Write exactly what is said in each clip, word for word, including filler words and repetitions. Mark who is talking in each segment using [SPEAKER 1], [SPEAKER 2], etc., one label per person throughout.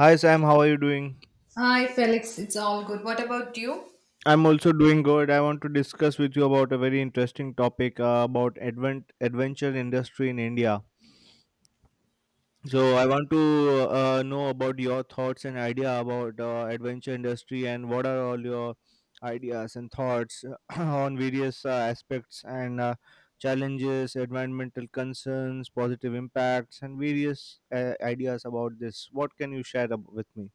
[SPEAKER 1] Hi Sam, how are you doing?
[SPEAKER 2] Hi, Felix. It's all good. What about you?
[SPEAKER 1] I'm also doing good. I want to discuss with you about a very interesting topic, uh, about advent adventure industry in India. So I want to uh, know about your thoughts and idea about uh, adventure industry and what are all your ideas and thoughts on various uh, aspects and uh, challenges, environmental concerns, positive impacts, and various uh, ideas about this. What can you share ab- with me?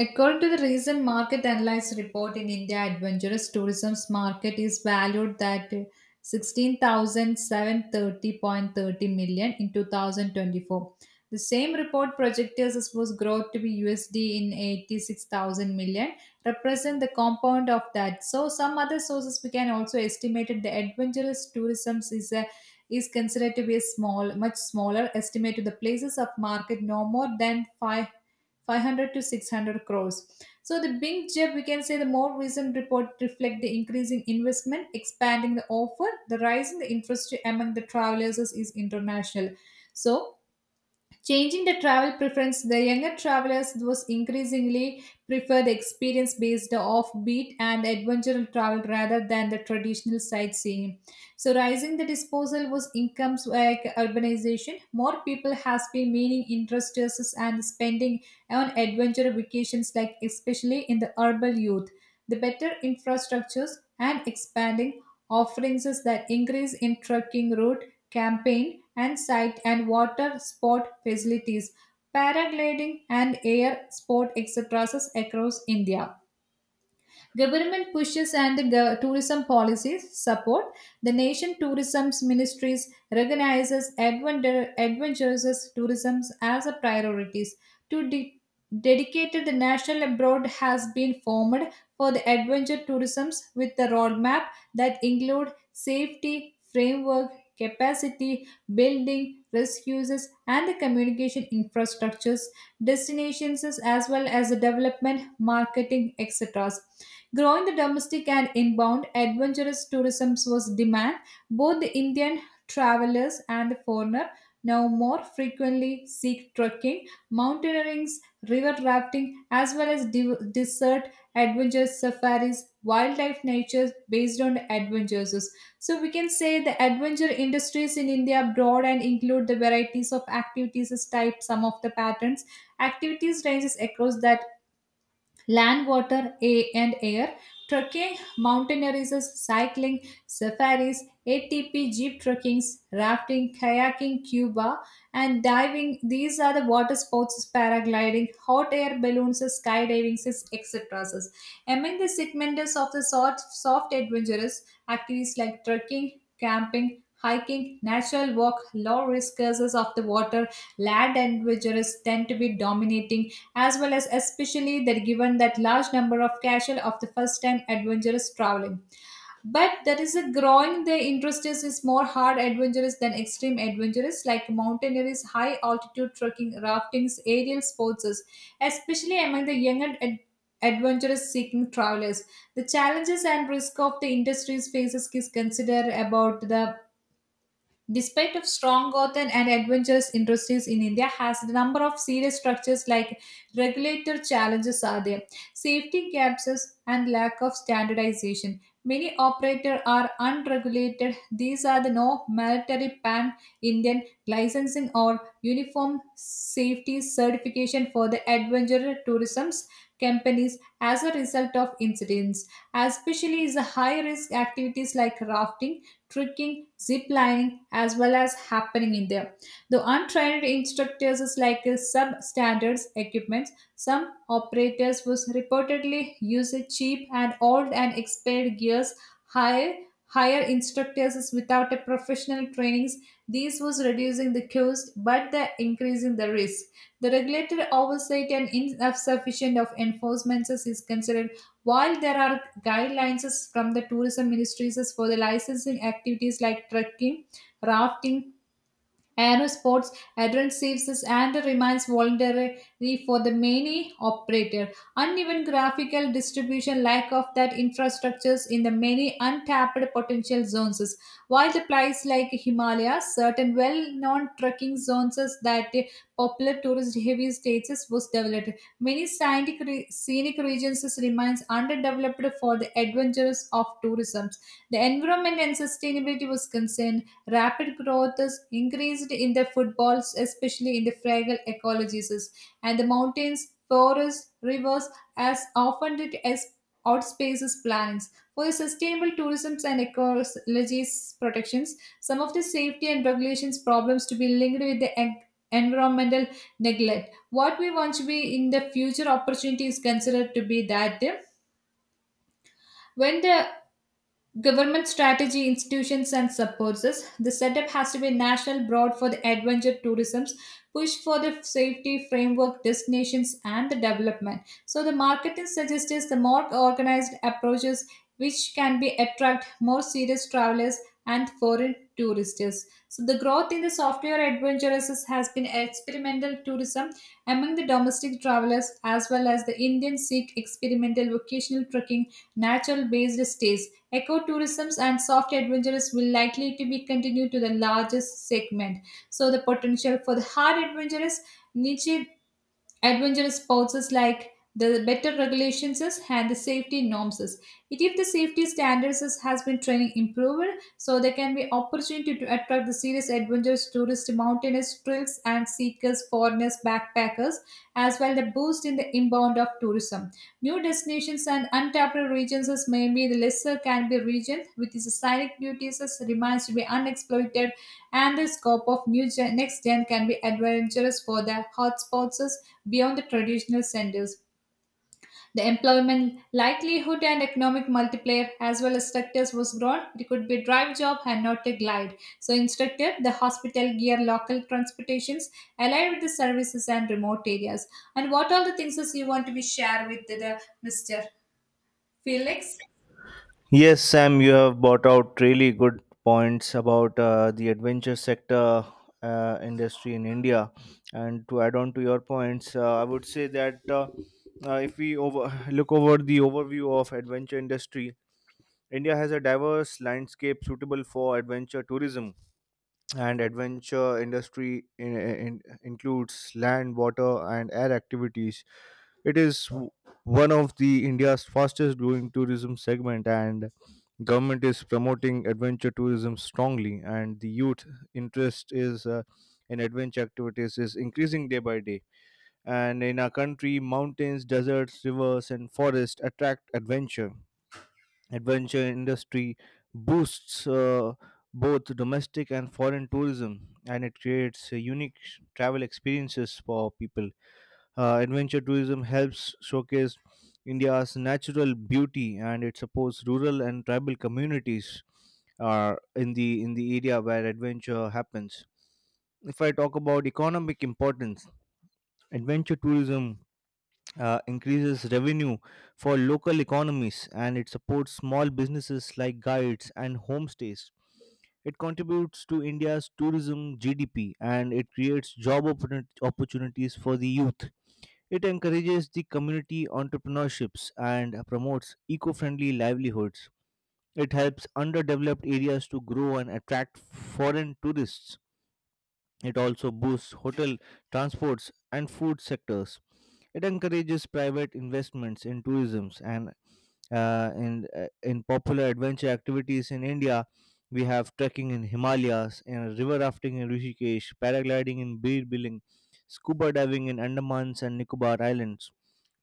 [SPEAKER 2] According to the recent market analysis report in India, adventurous tourism's market is valued at sixteen thousand seven thirty point thirty million in two thousand twenty-four. The same report projected was growth to be U S D in eighty-six thousand million, represent the compound of that. So some other sources we can also estimate that the adventurous tourism is a is considered to be a small, much smaller estimate to the places of market no more than five 500 to six hundred crores. So the big jump, we can say the more recent report reflect the increasing investment, expanding the offer, the rise in the interest among the travelers is, is international. So changing the travel preference, the younger travelers those increasingly prefer the experience based offbeat and adventure travel rather than the traditional sightseeing. So rising the disposal was incomes like urbanization. More people has been meaning interests and spending on adventure vacations like especially in the urban youth. The better infrastructures and expanding offerings that increase in trucking route campaign and site and water sport facilities, paragliding and air sport etcetera across India. Government pushes and gov- tourism policies support. The nation tourism's ministries recognizes adventure, adventurous tourism as a priorities. To de- Dedicated the national abroad has been formed for the adventure tourisms with the roadmap that include safety framework, capacity building, risk and the communication infrastructures destinations as well as the development, marketing, etcetera. Growing the domestic and inbound adventurous tourism was demand. Both the Indian travelers and the foreigner now more frequently seek trekking, mountaineering, river rafting, as well as div- desert adventures, safaris, wildlife nature based on the adventures. So we can say the adventure industries in India broad and include the varieties of activities as type some of the patterns. Activities ranges across that land, water, a- and air, trekking, mountaineerism, cycling, safaris, A T P, jeep trekkings, rafting, kayaking, Cuba, and diving. These are the water sports, paragliding, hot air balloons, skydiving, etcetera. Among the segments of the soft, soft adventurous activities like trekking, camping, hiking, natural walk, low risk courses of the water, land adventurers tend to be dominating as well as especially that given that large number of casual of the first time adventurous traveling, but there is a growing the interest is, is more hard adventurous than extreme adventurous like mountaineers high altitude trekking raftings aerial sports is- especially among the younger ad- adventurous seeking travelers, the challenges and risk of the industries faces is considered about the despite of strong Gotham and adventurous industries in India, has the number of serious structures like regulator challenges are there. Safety gaps is- and lack of standardization. Many operators are unregulated. These are the no military pan Indian licensing or uniform safety certification for the adventure tourism companies as a result of incidents. Especially is the high risk activities like rafting trekking, zip lining, as well as happening in there. The untrained instructors is like a substandards equipment. Some operators was reportedly use a cheap and old and expired gears. Hire hire instructors is without a professional trainings. This was reducing the cost, but the increasing the risk. The regulated oversight and insufficient of enforcements is considered while there are guidelines from the tourism ministries for the licensing activities like trekking, rafting, aerosports addresses and remains voluntary for the many operator. Uneven graphical distribution, lack of that infrastructures in the many untapped potential zones. While the place like Himalayas, certain well-known trekking zones that popular tourist-heavy states was developed. Many scenic, re- scenic regions remains underdeveloped for the adventures of tourism. The environment and sustainability was concerned. Rapid growth is increased in the footballs, especially in the fragile ecologies, and the mountains, forests, rivers, as often it as outspaces plants. For the sustainable tourism and ecologies protections, some of the safety and regulations problems to be linked with the en- environmental neglect. What we want to be in the future opportunity is considered to be that uh, when the government strategy, institutions, and supports us. The setup has to be national, broad for the adventure tourism's push for the safety framework, destinations, and the development. So the marketing suggests is the more organized approaches which can be attract more serious travelers and foreign tourists. So the growth in the software adventures has been experimental tourism among the domestic travelers as well as the Indian Sikh experimental vocational trekking, natural based stays. Ecotourism and soft adventures will likely to be continued to the largest segment. So the potential for the hard adventurous niche adventurous sports is like the better regulations is and the safety norms is, it if the safety standards is, has been training improved, so there can be opportunity to attract the serious adventurous tourists mountaineers trails and seekers foreigners backpackers as well the boost in the inbound of tourism. New destinations and untapped regions is maybe the lesser can be region with its scenic beauties as remains to be unexploited, and the scope of new gen, next gen can be adventurous for the hotspots beyond the traditional centers. The employment likelihood and economic multiplier as well as sectors was grown. It could be a drive job and not a glide. So instructor, the hospital gear local transportations allied with the services and remote areas. And what all the things is you want to be share with the, the mister Felix?
[SPEAKER 1] Yes, Sam, you have brought out really good points about uh, the adventure sector uh, industry in India. And to add on to your points, uh, I would say that uh, uh, if we over- look over the overview of adventure industry, India has a diverse landscape suitable for adventure tourism. And adventure industry in, in, includes land, water, and air activities. It is w- one of the India's fastest growing tourism segment, and government is promoting adventure tourism strongly, and the youth interest is uh, in adventure activities is increasing day by day. And in our country, mountains, deserts, rivers, and forests attract adventure. Adventure industry boosts uh, both domestic and foreign tourism, and it creates uh, unique travel experiences for people. Uh, adventure tourism helps showcase India's natural beauty, and it supports rural and tribal communities uh, in the in the area where adventure happens. If I talk about economic importance, adventure tourism uh, increases revenue for local economies, and it supports small businesses like guides and homestays. It contributes to India's tourism G D P, and it creates job opportun- opportunities for the youth. It encourages the community entrepreneurships and promotes eco friendly livelihoods. It helps underdeveloped areas to grow and attract foreign tourists. It also boosts hotel, transports, and food sectors. It encourages private investments in tourism and uh, in, uh, in popular adventure activities in India. We have trekking in Himalayas, and river rafting in Rishikesh, paragliding in Bir Biling, scuba diving in Andamans and Nicobar Islands,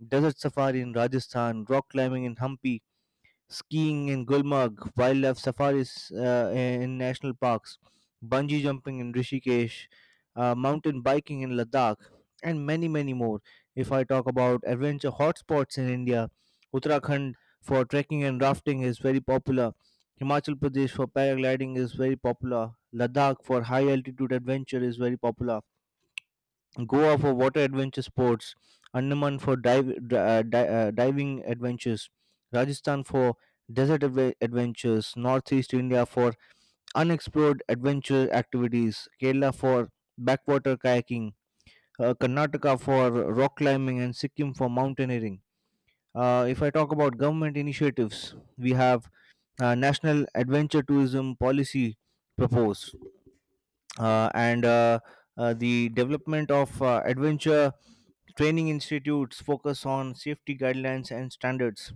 [SPEAKER 1] desert safari in Rajasthan, rock climbing in Hampi, skiing in Gulmarg, wildlife safaris uh, in national parks, bungee jumping in Rishikesh, uh, mountain biking in Ladakh, and many, many more. If I talk about adventure hotspots in India, Uttarakhand for trekking and rafting is very popular. Himachal Pradesh for paragliding is very popular. Ladakh for high altitude adventure is very popular. Goa for water adventure sports, Andaman for dive, di- uh, di- uh, diving adventures, Rajasthan for desert adve- adventures, Northeast India for unexplored adventure activities, Kerala for backwater kayaking, uh, Karnataka for rock climbing, and Sikkim for mountaineering. Uh, if I talk about government initiatives, we have uh, National Adventure Tourism Policy proposed, uh, and uh, uh, the development of uh, adventure training institutes, focus on safety guidelines and standards,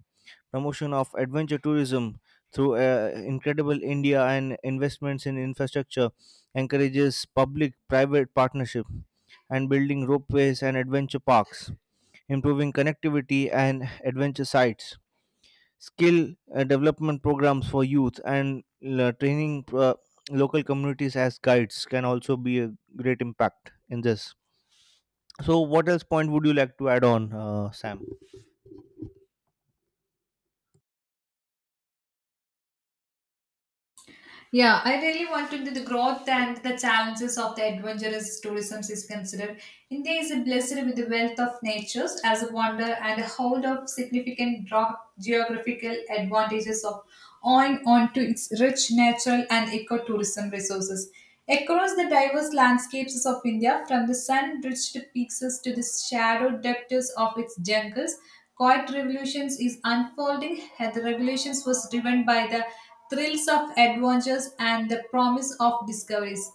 [SPEAKER 1] promotion of adventure tourism through uh, Incredible India, and investments in infrastructure, encourages public-private partnership and building ropeways and adventure parks, improving connectivity and adventure sites, skill uh, development programs for youth, and uh, training uh, local communities as guides can also be a great impact in this. So, what else point would you like to add on, uh, Sam?
[SPEAKER 2] Yeah, I really want to do the growth and the challenges of the adventurous tourism is considered. India is blessed with the wealth of nature as a wonder and a hold of significant dro- geographical advantages of owing onto its rich natural and ecotourism resources. Across the diverse landscapes of India, from the sun-drenched peaks to the shadow depths of its jungles, quiet revolutions is unfolding. The revolutions was driven by the thrills of adventures and the promise of discoveries.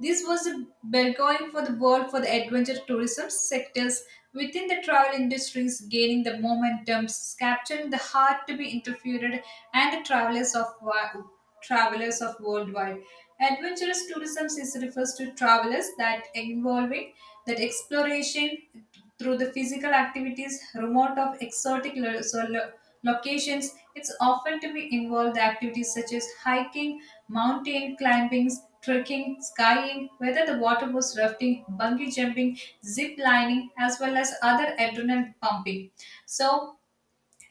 [SPEAKER 2] This was a burgeoning for the world for the adventure tourism sectors within the travel industries gaining the momentum, capturing the heart to be interviewed and the travelers of wa- travelers of worldwide. Adventurous tourism is refers to travelers that involving that exploration through the physical activities remote of exotic lo- so lo- locations. It's often to be involved the activities such as hiking, mountain climbings, trekking, skying, whether the water was rafting, bungee jumping, zip lining, as well as other adrenaline pumping. So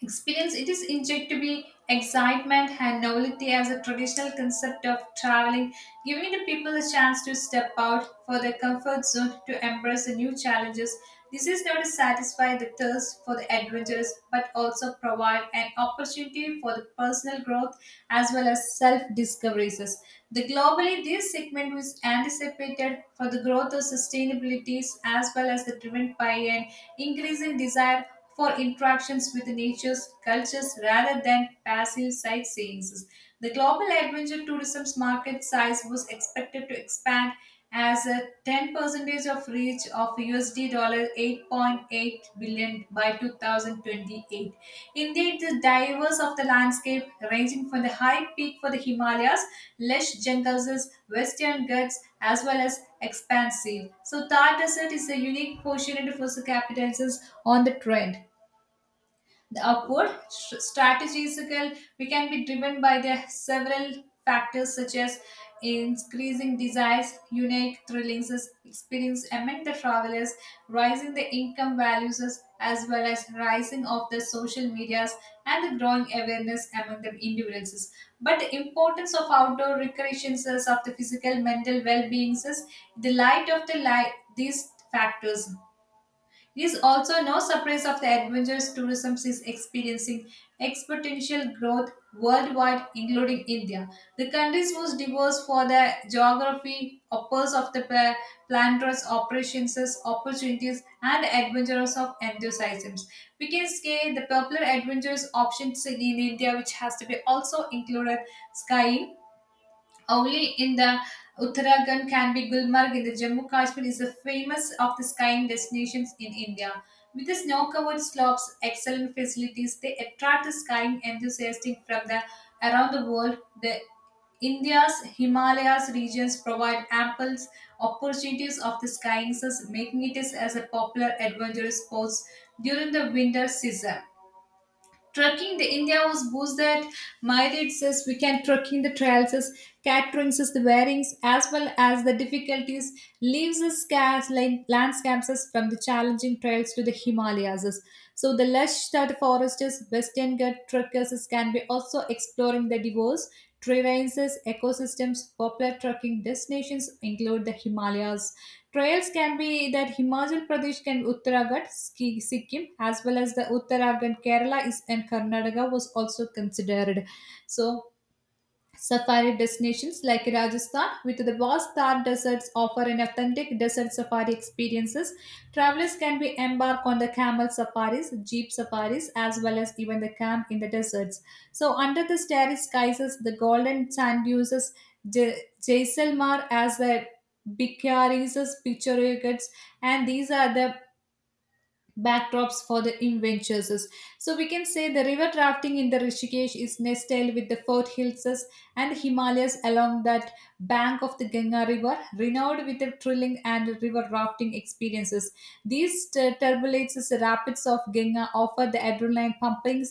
[SPEAKER 2] experience it is injectable excitement and novelty as a traditional concept of traveling, giving the people a chance to step out for their comfort zone to embrace the new challenges. This is not to satisfy the thirst for the adventures, but also provide an opportunity for the personal growth as well as self-discoveries. The globally, this segment was anticipated for the growth of sustainabilities as well as the driven by an increasing desire for interactions with nature's cultures rather than passive sightseeing. The global adventure tourism's market size was expected to expand as a ten percent of reach of U S D dollar eight point eight billion by two thousand twenty-eight. Indeed, the diverse of the landscape ranging from the high peak for the Himalayas, lush jungles, western ghats, as well as expansive. So Thar Desert is a unique portion for the capitals on the trend. The upward st- strategical we can be driven by the several factors such as increasing desires, unique thrillings as experience among the travelers, rising the income values as as well as rising of the social medias and the growing awareness among the individuals. But the importance of outdoor recreations is of the physical mental well-being is the light of the light these factors, it is also no surprise of the adventurous tourism is experiencing exponential growth worldwide, including India. The country's most diverse for the geography, offers of the pla- planters, operations, opportunities, and adventurers of enthusiasms. We can say the popular adventurous options in India, which has to be also included skiing only in the Uttarakhand can be Gulmarg in the Jammu Kashmir is the famous of the skiing destinations in India. With the snow-covered slopes, excellent facilities, they attract the skiing enthusiasts from the around the world. The India's Himalayas regions provide ample opportunities of the skiing, thus making it as a popular adventure sport during the winter season. Trucking the India was boosted myriad says we can trekking the trails says catering says the wearings as well as the difficulties leaves us scarce like landscapes us from the challenging trails to the Himalayas us. So the lush that foresters western gut trekkers us can be also exploring the diverse terrains ecosystems popular trekking destinations include the Himalayas trails can be that Himachal Pradesh can Uttarakhand, Ski- Sikkim, as well as the Uttarakhand, Kerala is and Karnataka was also considered. So safari destinations like Rajasthan with the vast Thar deserts offer an authentic desert safari experiences. Travelers can be embark on the camel safaris, jeep safaris as well as even the camp in the deserts. So under the starry skies, the golden sand dunes, J- Jaisalmer as the Bikyaris, picturesque, and these are the backdrops for the adventures. So we can say the river rafting in the Rishikesh is nestled with the Fort Hills and the Himalayas along that bank of the Ganga River, renowned with the thrilling and river rafting experiences. These t- turbulence rapids of Ganga offer the adrenaline pumping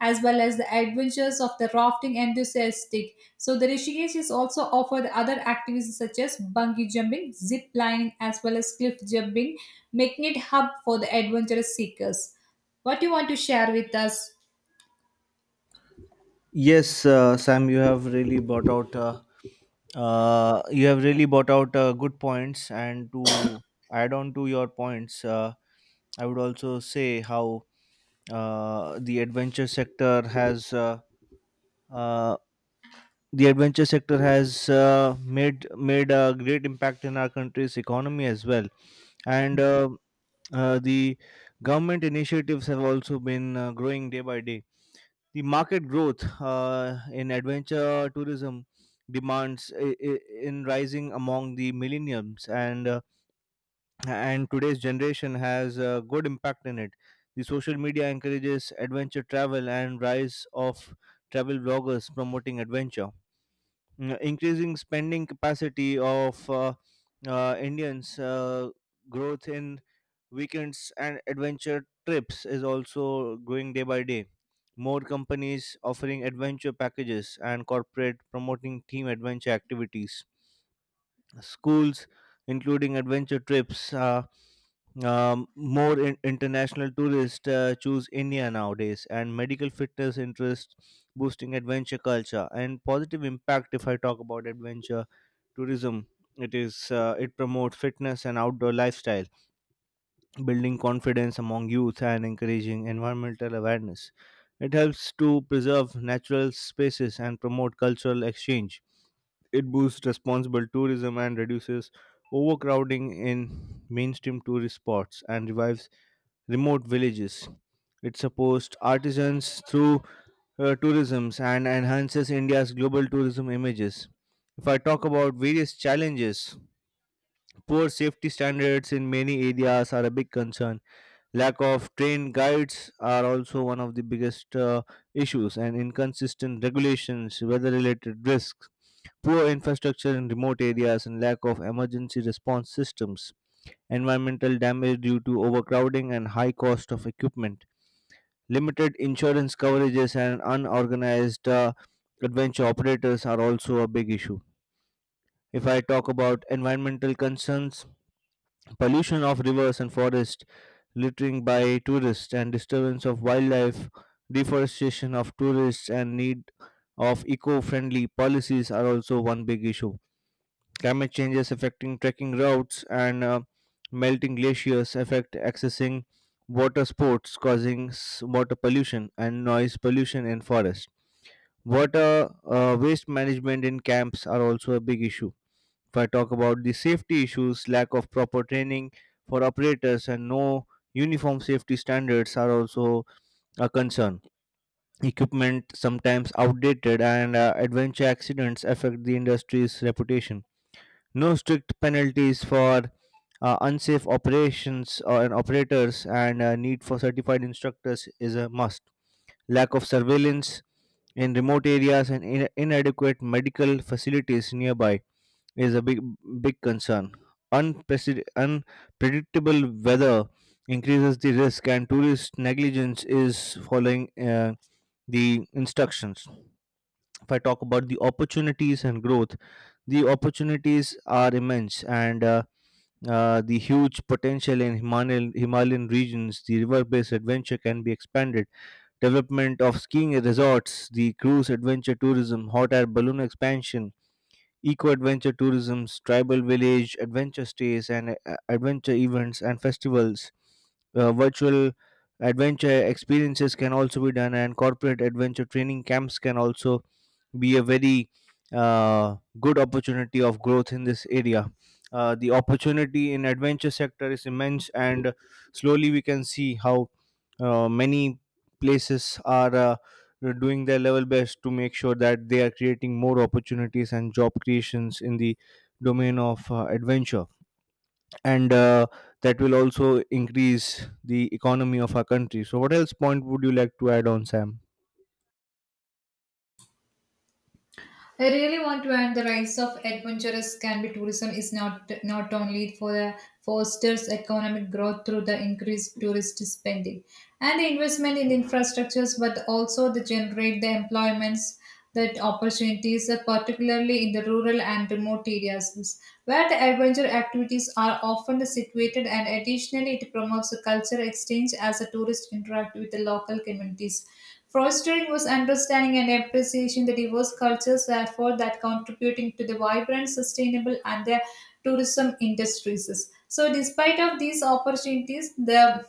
[SPEAKER 2] as well as the adventures of the rafting enthusiastic. So the Rishikesh is also offered other activities such as bungee jumping, zip lining as well as cliff jumping, making it hub for the adventurous seekers. What do you want to share with us?
[SPEAKER 1] Yes, uh, Sam, you have really brought out uh, uh, you have really brought out uh, good points. And to add on to your points, uh, I would also say how uh, the adventure sector has uh, uh, the adventure sector has uh, made made a great impact in our country's economy as well, and uh, uh, the government initiatives have also been uh, growing day by day. The market growth uh, in adventure tourism demands i- i- in rising among the millennials, and uh, and today's generation has a good impact in it. The social media encourages adventure travel, and rise of travel bloggers promoting adventure. Mm, increasing spending capacity of uh, uh, Indians, uh, growth in weekends and adventure trips is also growing day by day. More companies offering adventure packages and corporate promoting team adventure activities. Schools, including adventure trips, uh, um, more in- international tourists uh, choose India nowadays, and medical fitness interest boosting adventure culture and positive impact. If I talk about adventure tourism, it is uh, it promotes fitness and outdoor lifestyle, building confidence among youth and encouraging environmental awareness. It helps to preserve natural spaces and promote cultural exchange. It boosts responsible tourism and reduces overcrowding in mainstream tourist spots and revives remote villages. It supports artisans through uh, tourism and enhances India's global tourism images. If I talk about various challenges, poor safety standards in many areas are a big concern. Lack of trained guides are also one of the biggest uh, issues, and inconsistent regulations, weather related risks, poor infrastructure in remote areas, and lack of emergency response systems, environmental damage due to overcrowding and high cost of equipment, limited insurance coverages, and unorganized uh, adventure operators are also a big issue. If I talk about environmental concerns, pollution of rivers and forests, littering by tourists and disturbance of wildlife, deforestation of tourists, and need of eco-friendly policies are also one big issue. Climate changes affecting trekking routes, and uh, melting glaciers affect accessing water sports, causing s- water pollution and noise pollution in forests. Water uh, waste management in camps are also a big issue. If I talk about the safety issues, lack of proper training for operators and no uniform safety standards are also a concern. Equipment sometimes outdated, and uh, adventure accidents affect the industry's reputation. No strict penalties for uh, unsafe operations or and operators, and uh, need for certified instructors is a must. Lack of surveillance in remote areas and in- inadequate medical facilities nearby is a big big concern. Unprecedented, unpredictable weather increases the risk, and tourist negligence is following uh, the instructions. If I talk about the opportunities and growth, the opportunities are immense, and uh, uh, the huge potential in Himalayan, Himalayan regions, the river-based adventure can be expanded. Development of skiing resorts, the cruise adventure tourism, hot air balloon expansion, eco adventure tourism, tribal village adventure stays, and uh, adventure events and festivals. Uh, virtual adventure experiences can also be done, and corporate adventure training camps can also be a very uh, good opportunity of growth in this area. Uh, the opportunity in adventure sector is immense, and slowly we can see how uh, many places are. Uh, uh, doing their level best to make sure that they are creating more opportunities and job creations in the domain of uh, adventure, and uh, that will also increase the economy of our country. So what else point would you like to add on, Sam?
[SPEAKER 2] I really want to add the rise of adventurous can be tourism is not not only for the fosters economic growth through the increased tourist spending and the investment in the infrastructures, but also they generate the employments that opportunities, uh, particularly in the rural and remote areas, where the adventure activities are often situated. And additionally, it promotes the culture exchange as the tourists interact with the local communities, fostering was understanding and appreciation the diverse cultures, therefore that contributing to the vibrant, sustainable and the tourism industries. So despite of these opportunities, the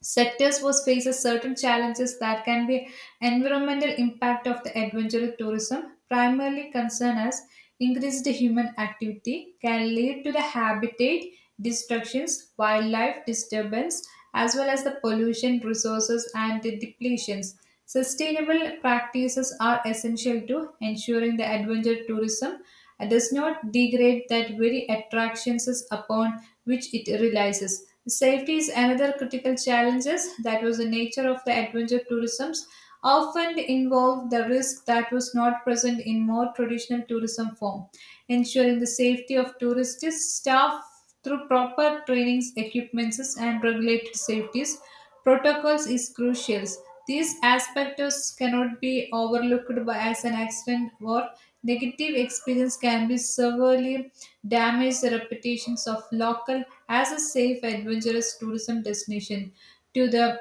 [SPEAKER 2] sectors was faces certain challenges that can be environmental impact of the adventure tourism, primarily concern as increased human activity can lead to the habitat destructions, wildlife disturbance, as well as the pollution, resources, and the depletions. Sustainable practices are essential to ensuring the adventure tourism and does not degrade that very attractions is upon which it relies. Safety is another critical challenge that was the nature of the adventure tourisms often involved the risk that was not present in more traditional tourism form, ensuring the safety of tourists, staff, through proper trainings, equipments, and regulated safeties protocols is crucial. These aspects cannot be overlooked by as an accident or negative experience can be severely damage the reputations of local as a safe adventurous tourism destination. To the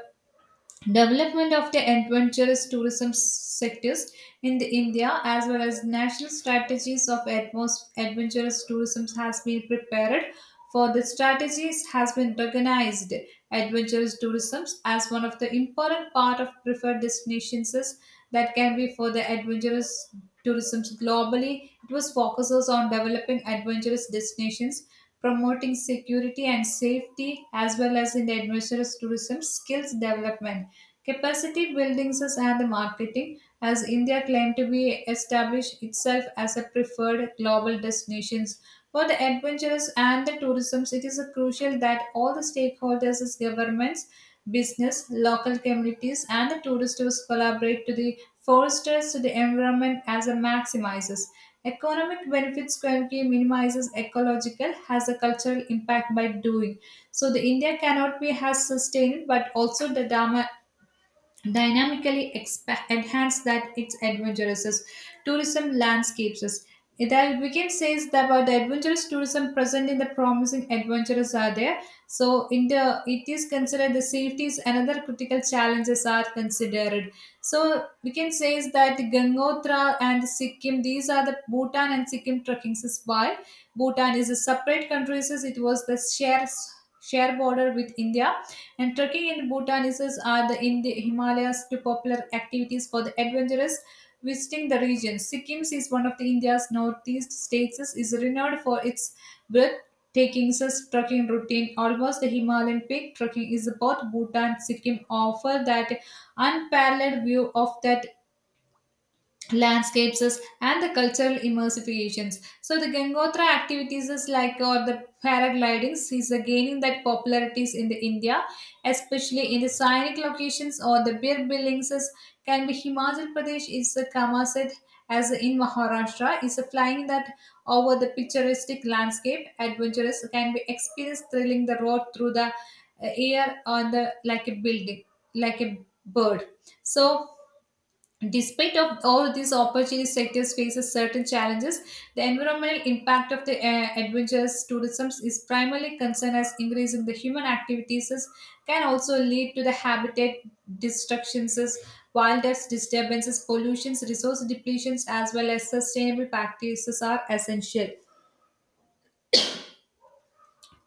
[SPEAKER 2] development of the adventurous tourism s- sectors in the India, as well as national strategies of atmos- adventurous tourism has been prepared, for the strategies has been recognized adventurous tourism as one of the important part of preferred destinations is that can be for the adventurous tourism globally. It was focuses on developing adventurous destinations, promoting security and safety, as well as in the adventurous tourism skills development, capacity buildings, and the marketing, as India claimed to be established itself as a preferred global destinations for the adventurous and the tourism. It is crucial that all the stakeholders as governments, business, local communities, and the tourist tours collaborate to the foresters to the environment as a maximizes economic benefits, currently minimizes ecological has a cultural impact by doing. So the India cannot be has sustained, but also the dharma dynamically expa- enhance that its adventurous tourism landscapes. That weekend says that about the adventurous tourism present in the promising adventurous are there. So in the it is considered the safety is another critical challenges are considered. So we can say is that Gangotra and Sikkim, these are the Bhutan and Sikkim trekkings, is why Bhutan is a separate country, says it was the share share border with India, and trekking in Bhutan is, are the in the Himalayas to popular activities for the adventurous visiting the region. Sikkim is one of the India's northeast states, is renowned for its breathtaking trekking routine. Almost the Himalayan peak trekking is both Bhutan and Sikkim offer that unparalleled view of that landscapes and the cultural immersifications. So the Gangotra activities is like or the paraglidings is uh, gaining that popularities in the India, especially in the scenic locations or the beer buildings is- can be Himachal Pradesh is a Kamaset, as in Maharashtra is a flying that over the picturesque landscape. Adventurous can be experienced thrilling the road through the uh, air, on the like a building, like a bird. So despite of all these opportunities, sectors faces certain challenges. The environmental impact of the uh, adventures tourism is primarily concerned as increasing the human activities is- can also lead to the habitat destructions, is, wildlife disturbances, pollutions, resource depletions, as well as sustainable practices are essential.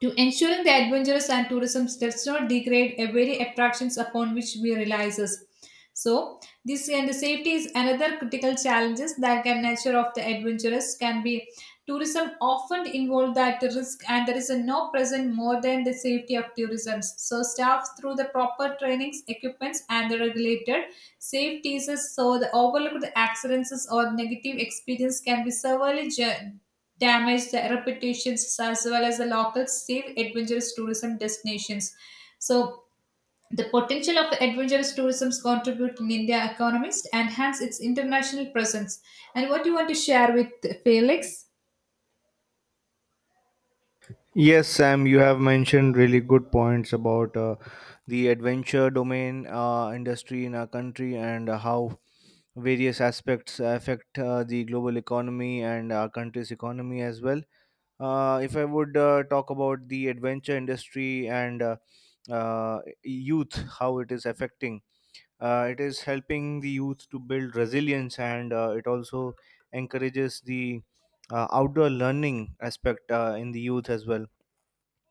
[SPEAKER 2] To ensuring the adventurous and tourism does not degrade a very attractions upon which we realizes. So this and the safety is another critical challenges that can nature of the adventurous can be tourism often involve that risk, and there is a no present more than the safety of tourism. So staff through the proper trainings, equipments and the regulated safeties is so the overlooked accidents or negative experience can be severely ju- damage the reputations as well as the local safe adventurous tourism destinations. So the potential of adventurous tourism contribute in India economies enhance its international presence. And what do you want to share with Felix?
[SPEAKER 1] Yes, Sam, you have mentioned really good points about uh, the adventure domain uh, industry in our country, and uh, how various aspects affect uh, the global economy and our country's economy as well. uh, if I would uh, talk about the adventure industry and uh, uh, youth, how it is affecting, uh, it is helping the youth to build resilience, and uh, it also encourages the uh, outdoor learning aspect uh, in the youth as well.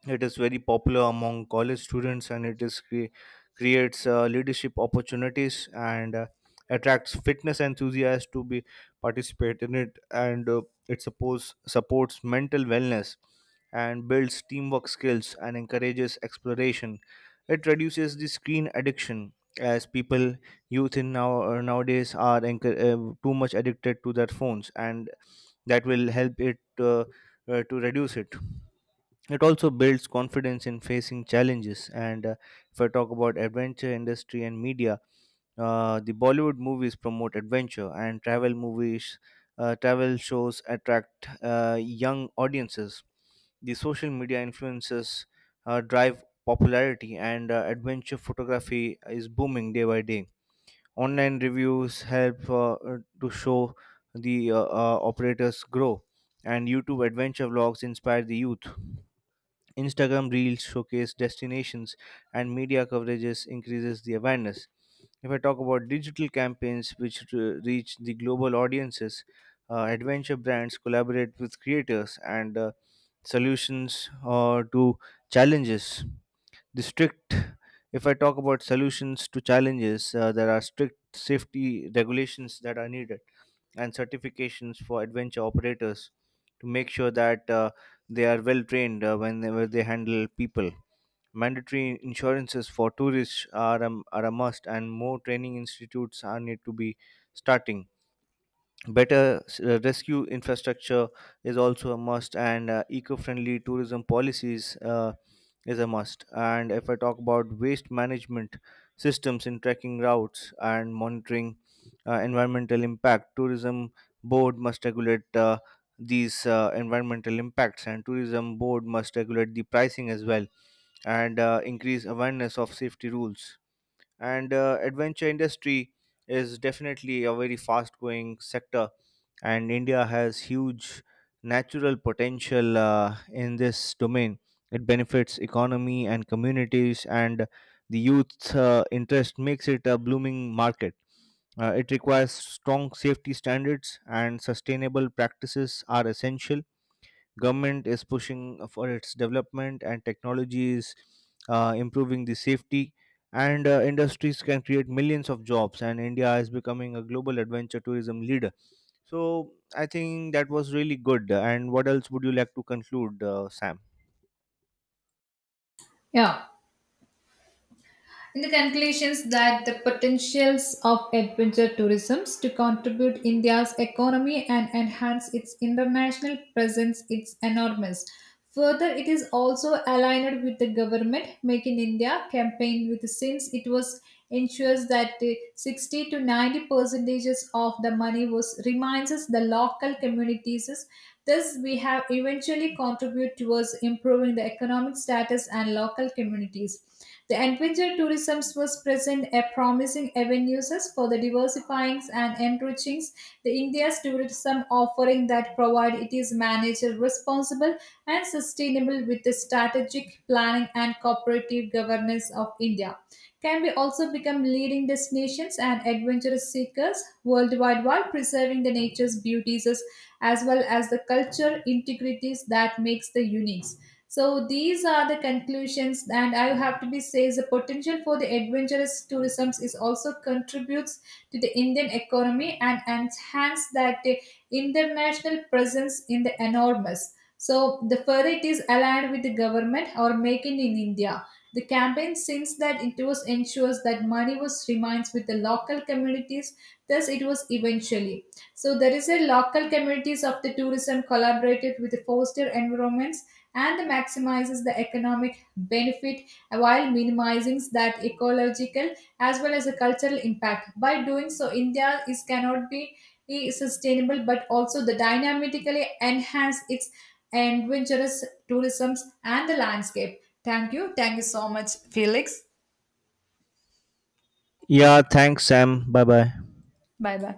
[SPEAKER 1] It is very popular among college students, and it is cre- creates uh, leadership opportunities, and uh, attracts fitness enthusiasts to be participate in it, and uh, it supports supports mental wellness and builds teamwork skills and encourages exploration. It reduces the screen addiction, as people youth in now uh, nowadays are enc- uh, too much addicted to their phones, and that will help it uh, uh, to reduce it. It also builds confidence in facing challenges. And uh, if I talk about adventure industry and media, uh, the Bollywood movies promote adventure, and travel movies, uh, travel shows attract uh, young audiences. The social media influences uh, drive popularity, and uh, adventure photography is booming day by day. Online reviews help uh, uh, to show the uh, uh, operators grow, and YouTube adventure vlogs inspire the youth. Instagram reels showcase destinations, and media coverages increases the awareness. If I talk about digital campaigns which re- reach the global audiences, uh, adventure brands collaborate with creators and uh, solutions uh, to challenges. The strict, if I talk about solutions to challenges, uh, there are strict safety regulations that are needed and certifications for adventure operators to make sure that uh, they are well trained uh, whenever they handle people. Mandatory insurances for tourists are, um, are a must, and more training institutes are need to be starting. Better s- uh, rescue infrastructure is also a must, and uh, eco-friendly tourism policies uh, is a must. And if I talk about waste management systems in trekking routes and monitoring uh, environmental impact, tourism board must regulate uh, these uh, environmental impacts, and tourism board must regulate the pricing as well, and uh, increase awareness of safety rules. And uh, adventure industry is definitely a very fast-going sector, and India has huge natural potential uh, in this domain. It benefits economy and communities, and the youth uh, interest makes it a blooming market. Uh, it requires strong safety standards, and sustainable practices are essential. Government is pushing for its development, and technology is uh, improving the safety, and uh, industries can create millions of jobs, and India is becoming a global adventure tourism leader. So I think that was really good. And what else would you like to conclude, uh, Sam?
[SPEAKER 2] Yeah. In the conclusions that the potentials of adventure tourism to contribute India's economy and enhance its international presence is enormous. Further, it is also aligned with the government Make in India campaign, with since it was ensures that the sixty to ninety percentages of the money was reminds us the local communities. Thus, we have eventually contribute towards improving the economic status and local communities. The adventure tourism was present a promising avenues for the diversifying and enriching the India's tourism offering that provide it is managed responsible and sustainable. With the strategic planning and cooperative governance of India, can be also become leading destinations and adventurous seekers worldwide, while preserving the nature's beauties as well as the culture integrities that makes the unique. So these are the conclusions, and I have to be says the potential for the adventurous tourism is also contributes to the Indian economy and enhance that uh, international presence in the enormous. So the further it is aligned with the government or making in India. The campaign since that it was ensures that money was remains with the local communities, thus it was eventually. So there is a local communities of the tourism collaborated with the foster environments and maximizes the economic benefit while minimizing that ecological as well as the cultural impact. By doing so, India is cannot be is sustainable, but also the dynamically enhance its adventurous tourism and the landscape. Thank you. Thank you so much, Felix.
[SPEAKER 1] Yeah, thanks Sam, bye bye.
[SPEAKER 2] Bye bye.